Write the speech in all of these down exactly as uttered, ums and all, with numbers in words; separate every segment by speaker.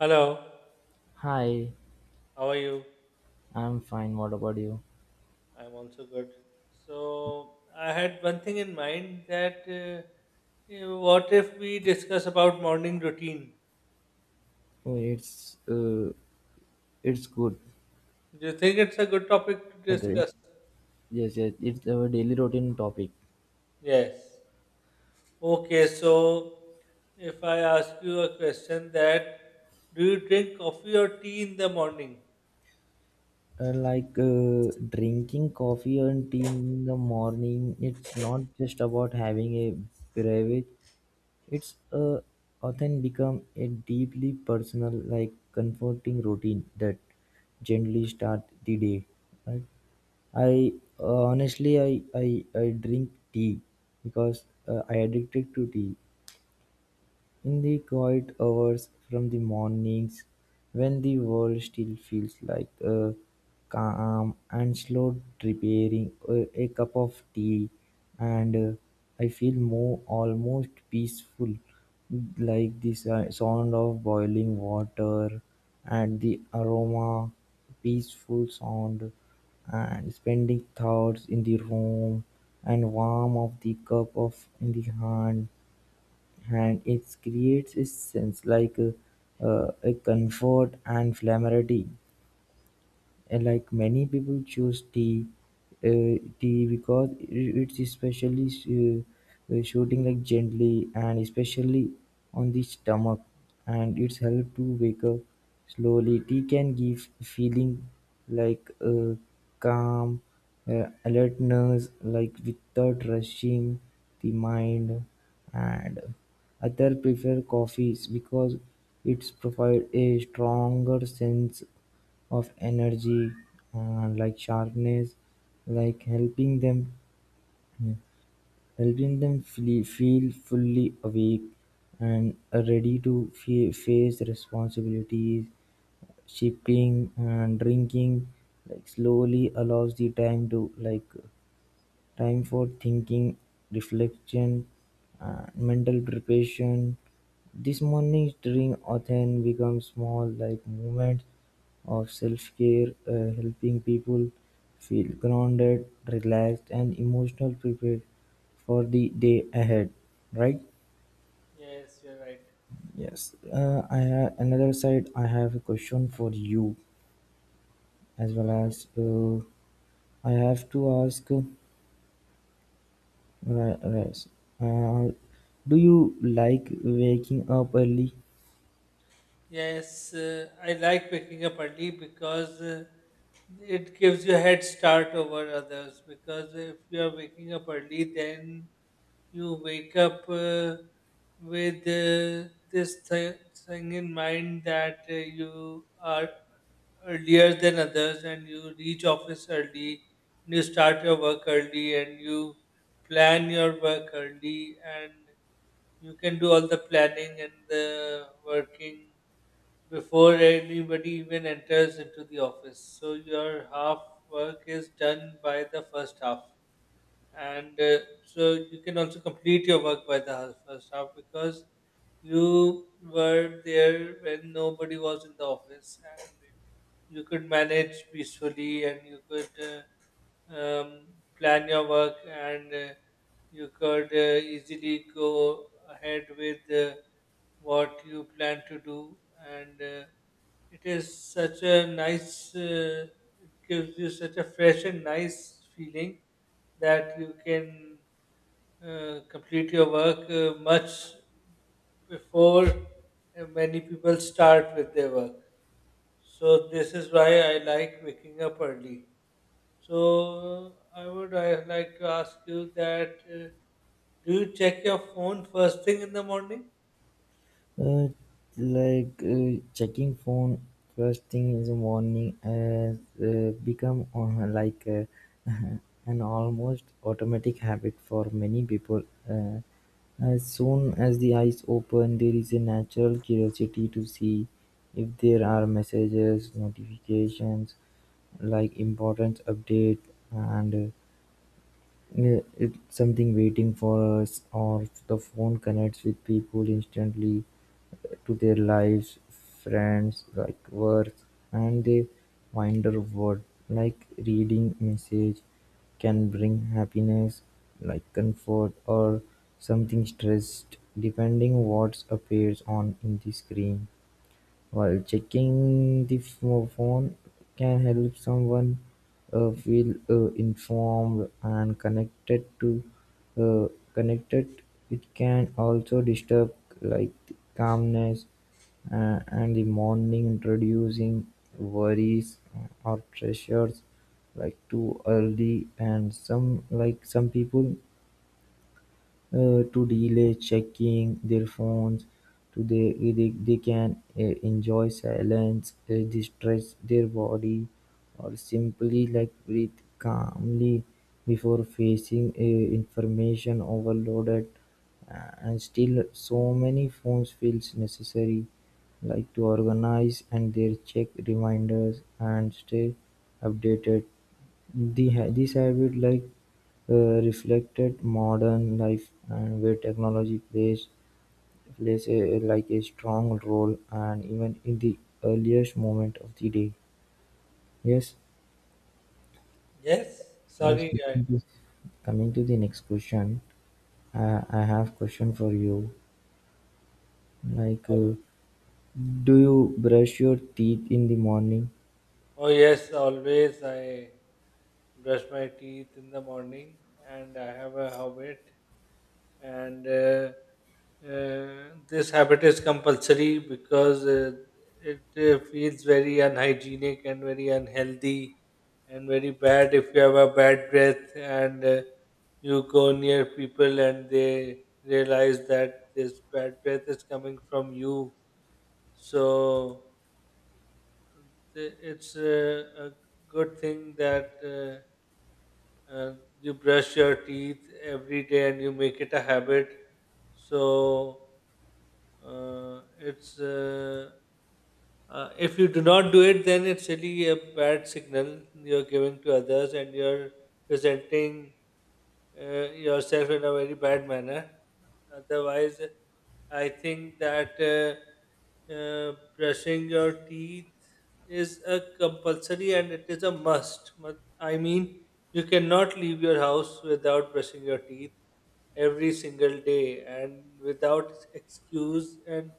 Speaker 1: Hello,
Speaker 2: Hi,
Speaker 1: how are you?
Speaker 2: I'm fine. What about you?
Speaker 1: I'm also good. So, I had one thing in mind that uh, you know, what if we discuss about morning routine?
Speaker 2: Oh, It's uh, it's good.
Speaker 1: Do you think it's a good topic to
Speaker 2: And, uh,
Speaker 1: discuss?
Speaker 2: Yes, yes. It's our daily routine topic.
Speaker 1: Yes. Okay, so if I ask you a question that do you drink coffee or tea in the morning?
Speaker 2: Uh, like uh, drinking coffee and tea in the morning, it's not just about having a beverage. It's uh, often become a deeply personal, like comforting routine that gently start the day. Right? I uh, honestly, I, I I drink tea because uh, I addicted to tea in the quiet hours from the mornings, when the world still feels like a calm and slow preparing a, a cup of tea. And uh, I feel more almost peaceful, like the si- sound of boiling water and the aroma, peaceful sound, and spending thoughts in the room and warm of the cup of in the hand, and it creates a sense like uh, uh, a comfort and familiarity. And like many people choose tea, uh, tea because it- it's especially uh, uh, shooting like gently and especially on the stomach, and it's help to wake up slowly. Tea can give feeling like uh, calm, uh, alertness, like without rushing the mind, and other prefer coffees because it's provide a stronger sense of energy, uh, like sharpness, like helping them, yeah, helping them feel, feel fully awake and ready to fa- face responsibilities shipping and drinking like slowly allows the time to like time for thinking, reflection, and mental preparation. This monitoring often becomes small, like moments of self care, uh, helping people feel grounded, relaxed, and emotional prepared for the day ahead. Right?
Speaker 1: Yes, you're right.
Speaker 2: Yes. Uh, I ha- another side, I have a question for you as well
Speaker 1: Okay.
Speaker 2: as, uh, I have to ask. Ra- Raz, uh, do you like waking up early?
Speaker 1: Yes, uh, I like waking up early because uh, it gives you a head start over others. Because if you are waking up early, then you wake up uh, with uh, this th- thing in mind that uh, you are earlier than others and you reach office early, and you start your work early, and you plan your work early, and you can do all the planning and the working before anybody even enters into the office. So your half work is done by the first half. And uh, so you can also complete your work by the half- first half because you were there when nobody was in the office, and you could manage peacefully, and you could uh, um, plan your work, and uh, you could uh, easily go ahead with. Uh, what you plan to do, and uh, it is such a nice uh, it gives you such a fresh and nice feeling that you can uh, complete your work uh, much before uh, many people start with their work. So this is why I like waking up early. So i would i like to ask you that uh, do you check your phone first thing in the morning?
Speaker 2: Uh, like uh, checking phone first thing in the morning has uh, become uh, like uh, an almost automatic habit for many people. Uh, as soon as the eyes open, there is a natural curiosity to see if there are messages, notifications, like important update, and uh, Uh, it's something waiting for us, or the phone connects with people instantly uh, to their lives, friends, like work, and they wonder what like reading message can bring happiness, like comfort or something stressed, depending what appears on in the screen. While checking the pho- phone can help someone uh, feel uh, informed and connected to, uh, connected. It can also disturb like the calmness, uh, and the morning, introducing worries or pressures like too early, and some like some people uh, to delay checking their phones, to they they, they can uh, enjoy silence, uh, distress their body, or simply like breathe calmly before facing uh, information overloaded. Uh, and still, so many phones feels necessary, like to organize and their check reminders and stay updated. The ha- this habit, like uh, reflected modern life and where technology plays plays a like a strong role and even in the earliest moment of the day. Yes,
Speaker 1: Yes,
Speaker 2: yes.
Speaker 1: sorry, I.
Speaker 2: Coming to coming to the next question, I, I have question for you. Like, uh, do you brush your teeth in the morning?
Speaker 1: Oh yes, always I brush my teeth in the morning, and I have a habit, and uh, uh, this habit is compulsory because uh, it uh, feels very unhygienic and very unhealthy, and very bad if you have a bad breath, and uh, you go near people and they realize that this bad breath is coming from you. So Th- It's uh, a good thing that uh, uh, you brush your teeth every day and you make it a habit. So uh, it's uh, uh, if you do not do it, then it's really a bad signal you're giving to others, and you're presenting uh, yourself in a very bad manner. Otherwise, I think that uh, uh, brushing your teeth is a compulsory and it is a must. But I mean, you cannot leave your house without brushing your teeth every single day and without excuse and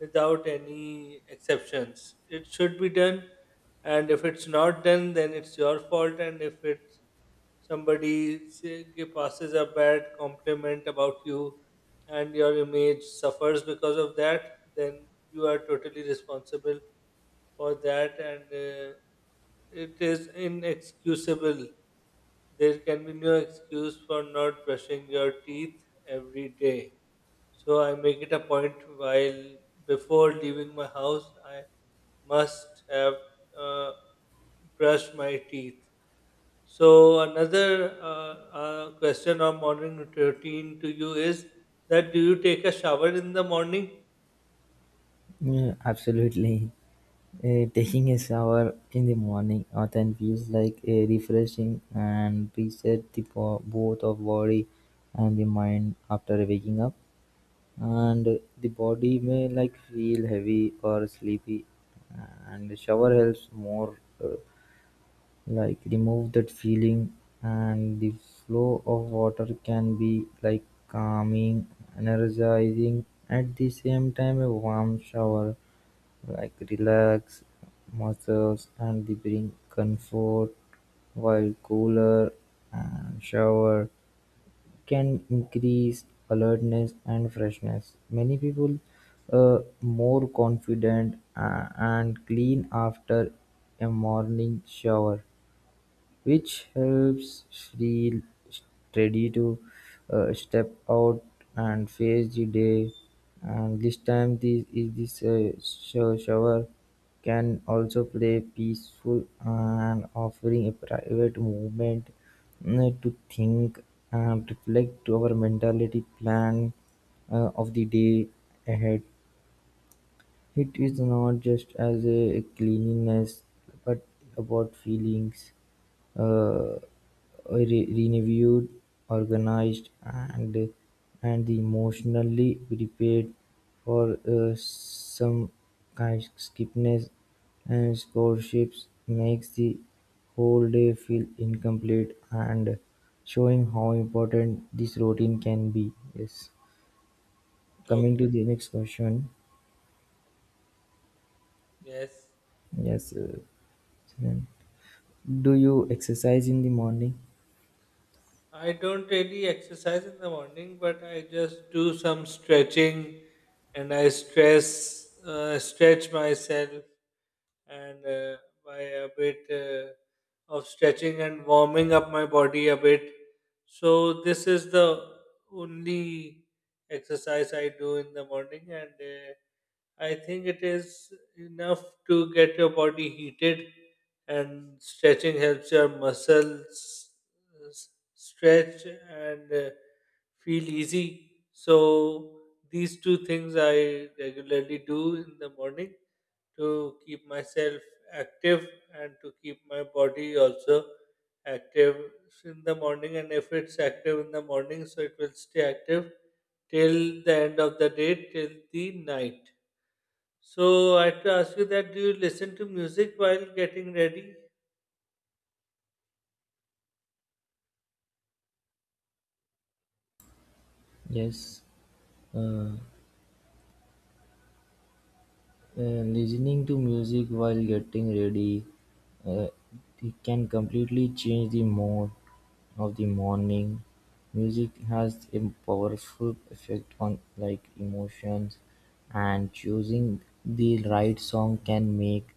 Speaker 1: without any exceptions. It should be done, and if it's not done, then it's your fault. And if it somebody say, gi- passes a bad compliment about you and your image suffers because of that, then you are totally responsible for that, and uh, it is inexcusable. There can be no excuse for not brushing your teeth every day. So I make it a point while before leaving my house, I must have uh, brushed my teeth. So another uh, uh, question on morning routine to you is that do you take a shower in the morning?
Speaker 2: Yeah, absolutely. Uh, Taking a shower in the morning often feels like a refreshing and reset the bo- both of body and the mind after waking up. And the body may like feel heavy or sleepy, and the shower helps more, uh, like remove that feeling, and the flow of water can be like calming, energizing, at the same time a warm shower like relax muscles and they bring comfort while cooler and shower can increase alertness and freshness. Many people are more confident uh, and clean after a morning shower which helps Shri Teddy to uh, step out and face the day. And this time, this is this uh, sho- shower can also play peaceful and offering a private movement uh, to think and reflect our mentality plan uh, of the day ahead. It is not just as a cleanliness but about feelings, uh, re- renewed, organized, and and emotionally prepared for uh, some kinds skipness and scholarships makes the whole day feel incomplete and showing how important this routine can be. Yes.
Speaker 1: Okay.
Speaker 2: Coming to the next question.
Speaker 1: Yes.
Speaker 2: Yes. Uh, Sunan, do you exercise in the morning?
Speaker 1: I don't really exercise in the morning, but I just do some stretching, and I stress uh, stretch myself, and uh, by a bit uh, of stretching and warming up my body a bit. So this is the only exercise I do in the morning and. Uh, I think it is enough to get your body heated, and stretching helps your muscles uh, s- stretch and uh, feel easy. So, these two things I regularly do in the morning to keep myself active and to keep my body also active in the morning. And if it's active in the morning, so it will stay active till the end of the day, till the night. So I have to ask you that do you listen to music while getting ready?
Speaker 2: Yes. uh, Uh, listening to music while getting ready, uh, it can completely change the mood of the morning. Music has a powerful effect on like emotions, and choosing the right song can make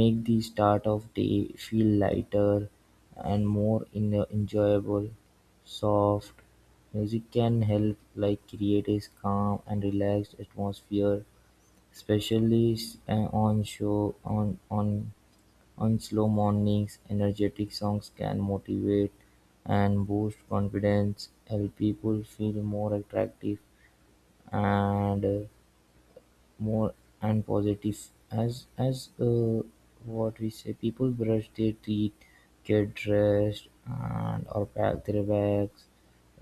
Speaker 2: make the start of day feel lighter and more in, uh, enjoyable. Soft music can help like create a calm and relaxed atmosphere. Especially s- uh, on show on on on slow mornings, energetic songs can motivate and boost confidence, help people feel more attractive and uh, more and positive. As as uh, what we say, people brush their teeth, get dressed, and or pack their bags.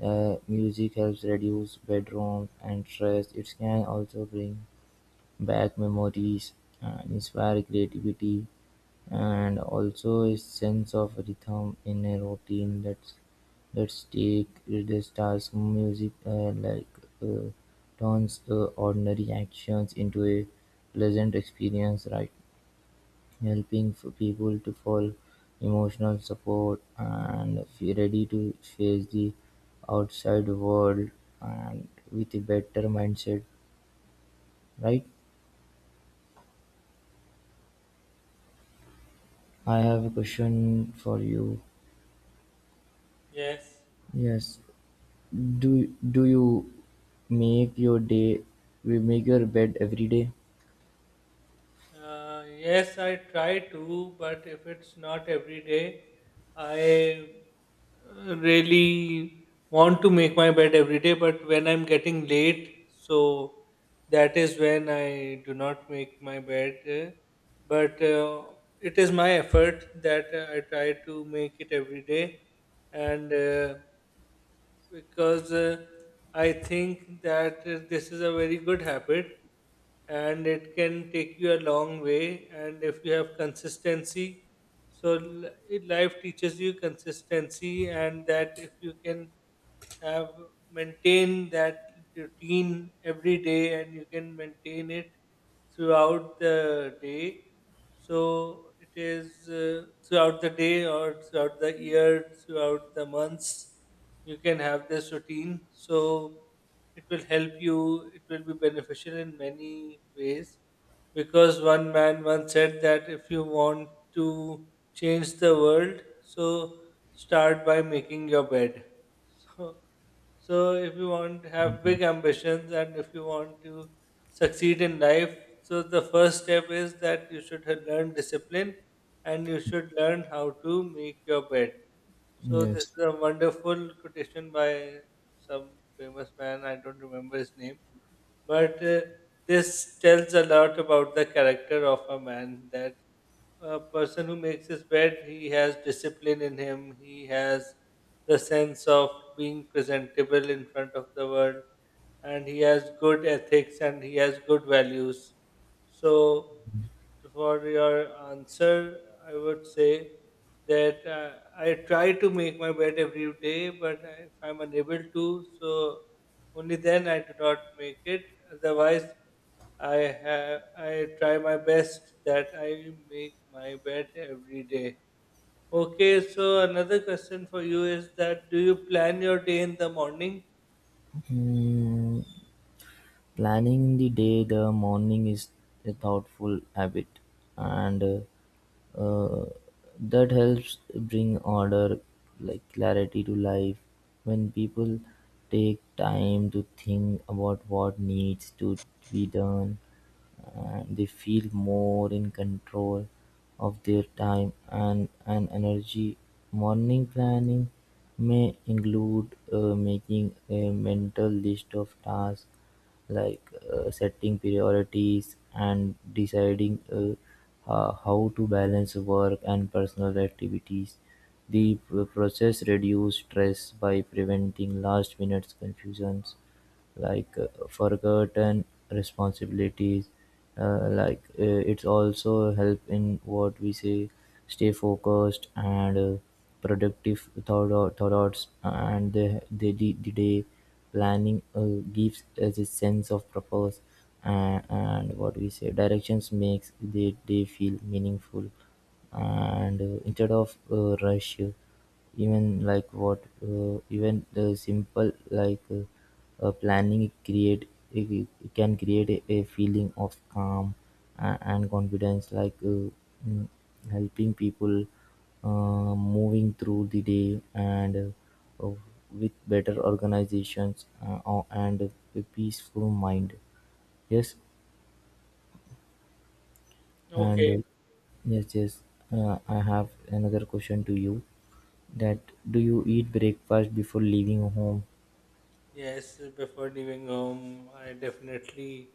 Speaker 2: Uh, music helps reduce bedrooms and stress. It can also bring back memories, and inspire creativity and also a sense of rhythm in a routine. Let's let's take this task music, uh, like uh, turns uh, ordinary actions into a pleasant experience, right? Helping for people to fall emotional support and feel ready to face the outside world and with a better mindset, right? I have a question for you.
Speaker 1: Yes.
Speaker 2: Yes. Do do you make your day we make your bed every day?
Speaker 1: Uh, yes, I try to, but if it's not every day, I uh, really want to make my bed every day, but when I'm getting late, so that is when I do not make my bed. uh, But uh, it is my effort that uh, I try to make it every day, and uh, because uh, I think that uh, this is a very good habit and it can take you a long way. And if you have consistency, so l- life teaches you consistency, and that if you can have maintain that routine every day, and you can maintain it throughout the day, so it is uh, throughout the day or throughout the year, throughout the months, you can have this routine, so it will help you, it will be beneficial in many ways, because one man once said that if you want to change the world, so start by making your bed so so if you want to have
Speaker 2: Mhm.
Speaker 1: big ambitions and if you want to succeed in life, so the first step is that you should have learn discipline, and you should learn how to make your bed. So this
Speaker 2: Yes.
Speaker 1: is a wonderful quotation by some famous man, I don't remember his name. But uh, this tells a lot about the character of a man, that a person who makes his bed, he has discipline in him, he has the sense of being presentable in front of the world, and he has good ethics and he has good values. So, for your answer, I would say that uh, I try to make my bed every day, but if I'm unable to, so only then I do not make it. Otherwise, I have I try my best that I make my bed every day. Okay, so another question for you is that do you plan your day in the morning?
Speaker 2: Mm, Planning the day, the morning is a thoughtful habit, and uh, uh, that helps bring order, like clarity to life. When people take time to think about what needs to be done, Uh, They feel more in control of their time and and energy. Morning planning may include uh, making a mental list of tasks, like uh, setting priorities and deciding uh, ho- how to balance work and personal activities. The pr- process reduces stress by preventing last minute confusions like uh, forgotten responsibilities, uh, like uh, it's also help in what we say stay focused and uh, productive thought, thoughts and the, the, the, the day planning uh, gives us a sense of purpose and, and what we say directions, makes the day feel meaningful and uh, instead of uh, rush. Even like what, uh, even the simple like uh, uh, planning create it, it, can create a, a feeling of calm and, and confidence. Like uh, mm, Helping people uh, moving through the day and uh, uh, with better organizations, uh, or- and a peaceful mind. Yes, and.
Speaker 1: Okay.
Speaker 2: Uh, Yes, yes. Uh, I have another question to you. That Do you eat breakfast before leaving home?
Speaker 1: Yes, before leaving home, I definitely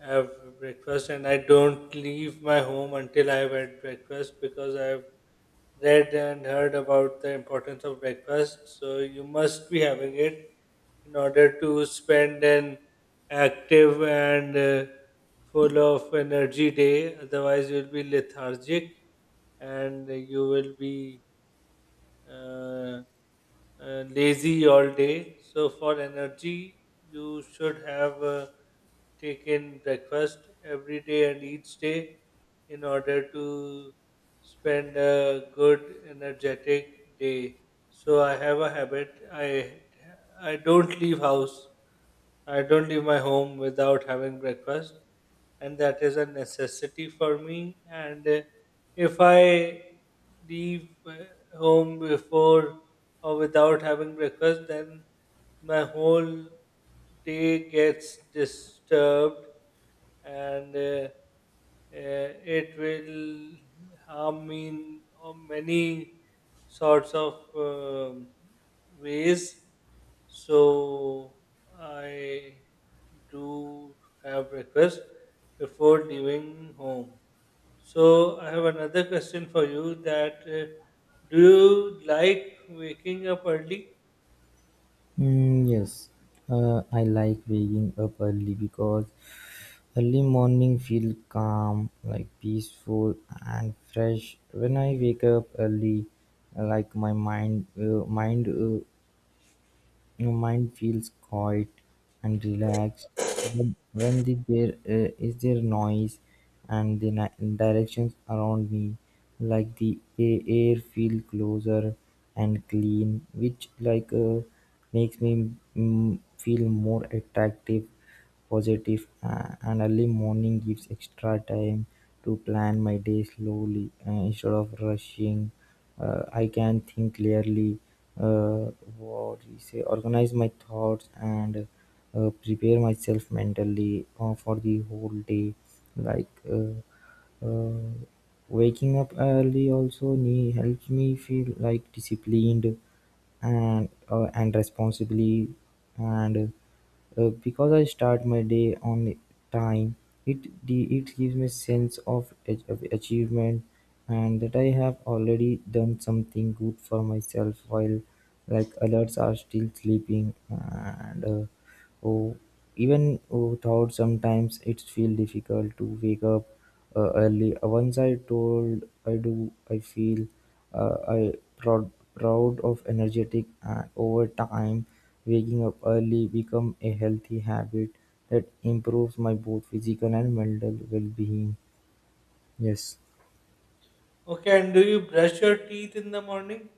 Speaker 1: have breakfast, and I don't leave my home until I have had breakfast, because I have read and heard about the importance of breakfast. So you must be having it in order to spend an active and uh, full of energy day. Otherwise, you'll be lethargic and you will be uh, uh, lazy all day. So for energy, you should have uh, taken breakfast every day and each day in order to spend a good energetic day. So I have a habit. I I don't leave house. I don't leave my home without having breakfast, and that is a necessity for me. And uh, if I leave uh, home before or without having breakfast, then my whole day gets disturbed, and uh, uh, it will harm me in uh, many sorts of um ways. So I do have breakfast before leaving home. So I have another question for you that uh, do you like waking up early?
Speaker 2: Mm, yes, uh, I like waking up early because early morning feel calm, like peaceful and fresh. When I wake up early, like my mind uh, mind uh, your mind feels quiet and relaxed. But when the, there uh, is there noise and the ni- directions around me, like the a- air feel closer and clean, which like uh, makes me, mm, feel more attractive positive, uh, and early morning gives extra time to plan my day slowly uh, instead of rushing. Uh, I can think clearly, uh, what do you say, organize my thoughts and uh, prepare myself mentally uh, for the whole day. Like uh, uh, Waking up early also ne- helps me feel like disciplined and uh, and responsibly and uh, because I start my day on time, it de- it gives me sense of ach- of achievement and that I have already done something good for myself while like others are still sleeping and uh, oh, even without sometimes it feel difficult to wake up uh, early. Uh, Once I told I do, I feel. Uh, I proud proud of energetic and, over time, waking up early become a healthy habit that improves my both physical and mental well-being. Yes.
Speaker 1: Okay, and do you brush your teeth in the morning?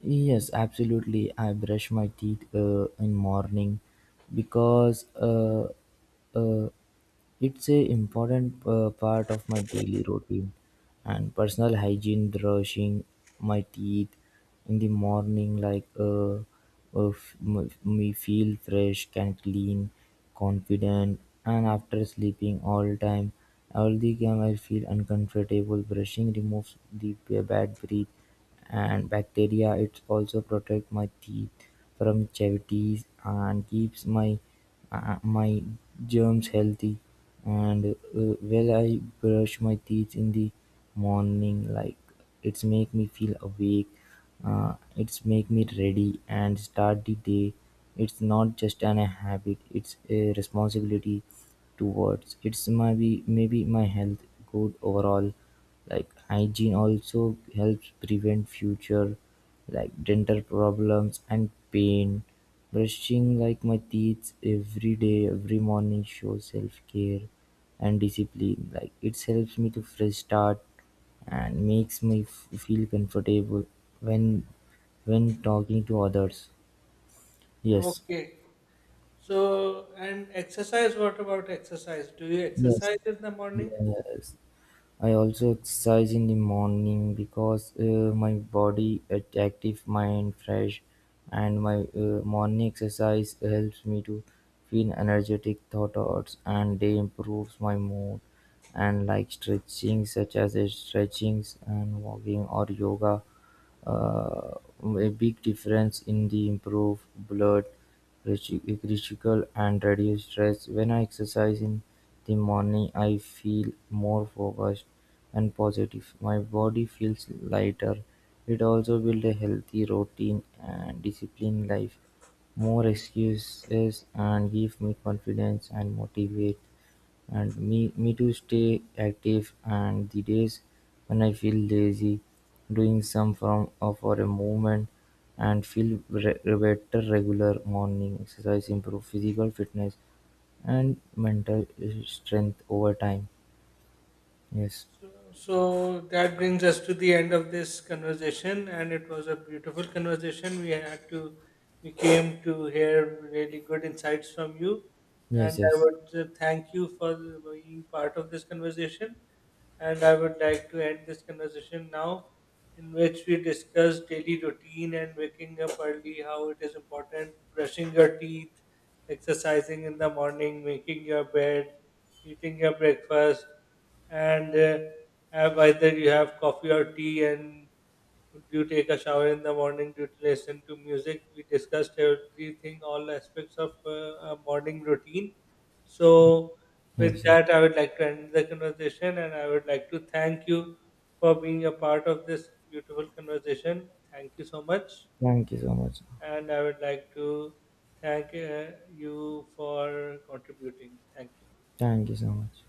Speaker 2: Yes, absolutely. I brush my teeth uh, in morning because uh, uh, it's a important uh, part of my daily routine and personal hygiene. Brushing my teeth in the morning, like uh, uh, f- m- me feel fresh, can clean, confident, and after sleeping all time, all the time I feel uncomfortable. Brushing removes the b- bad breath and bacteria. It also protects my teeth from cavities and keeps my uh, my germs healthy. And uh, well, I brush my teeth in the morning, like it's make me feel awake. Uh, it's make me ready and start the day. It's not just an a habit; it's a responsibility towards. It's maybe maybe my health good overall like hygiene also helps prevent future like dental problems and pain. Brushing like my teeth every day, every morning shows self care and discipline. Like it helps me to fresh start and makes me f- feel comfortable when when talking to others. Yes.
Speaker 1: Okay. So, and exercise, what about exercise? Do you
Speaker 2: Yes.
Speaker 1: exercise in the morning?
Speaker 2: Yes. I also exercise in the morning because uh, my body is active, mind fresh, and my uh, morning exercise helps me to feel energetic thoughts and day improves my mood. And like stretching, such as uh, stretchings and walking or yoga, uh, a big difference in the improve blood rich- critical and reduce stress. When I exercise in the morning, I feel more focused and positive. My body feels lighter. It also builds a healthy routine and disciplined life. More excuses and give me confidence and motivate and me me to stay active and the days when I feel lazy, doing some form of or a movement and feel re- better regular morning exercise improve physical fitness and mental strength over time. Yes,
Speaker 1: So, so that brings us to the end of this conversation, and it was a beautiful conversation. We had to, we came to hear really good insights from you, and
Speaker 2: yes,
Speaker 1: I
Speaker 2: yes,
Speaker 1: would uh, thank you for being part of this conversation. And I would like to end this conversation now, in which we discuss daily routine and waking up early, how it is important, brushing your teeth, exercising in the morning, making your bed, eating your breakfast, and uh, have either you have coffee or tea, and do you take a shower in the morning, do you listen to music. We discussed everything, all aspects of uh, a morning routine. So with
Speaker 2: yes, yes.
Speaker 1: that, I would like to end the conversation, and I would like to thank you for being a part of this beautiful conversation. Thank you so much.
Speaker 2: Thank you so much.
Speaker 1: And I would like to thank uh, you for contributing. Thank you.
Speaker 2: Thank you so much.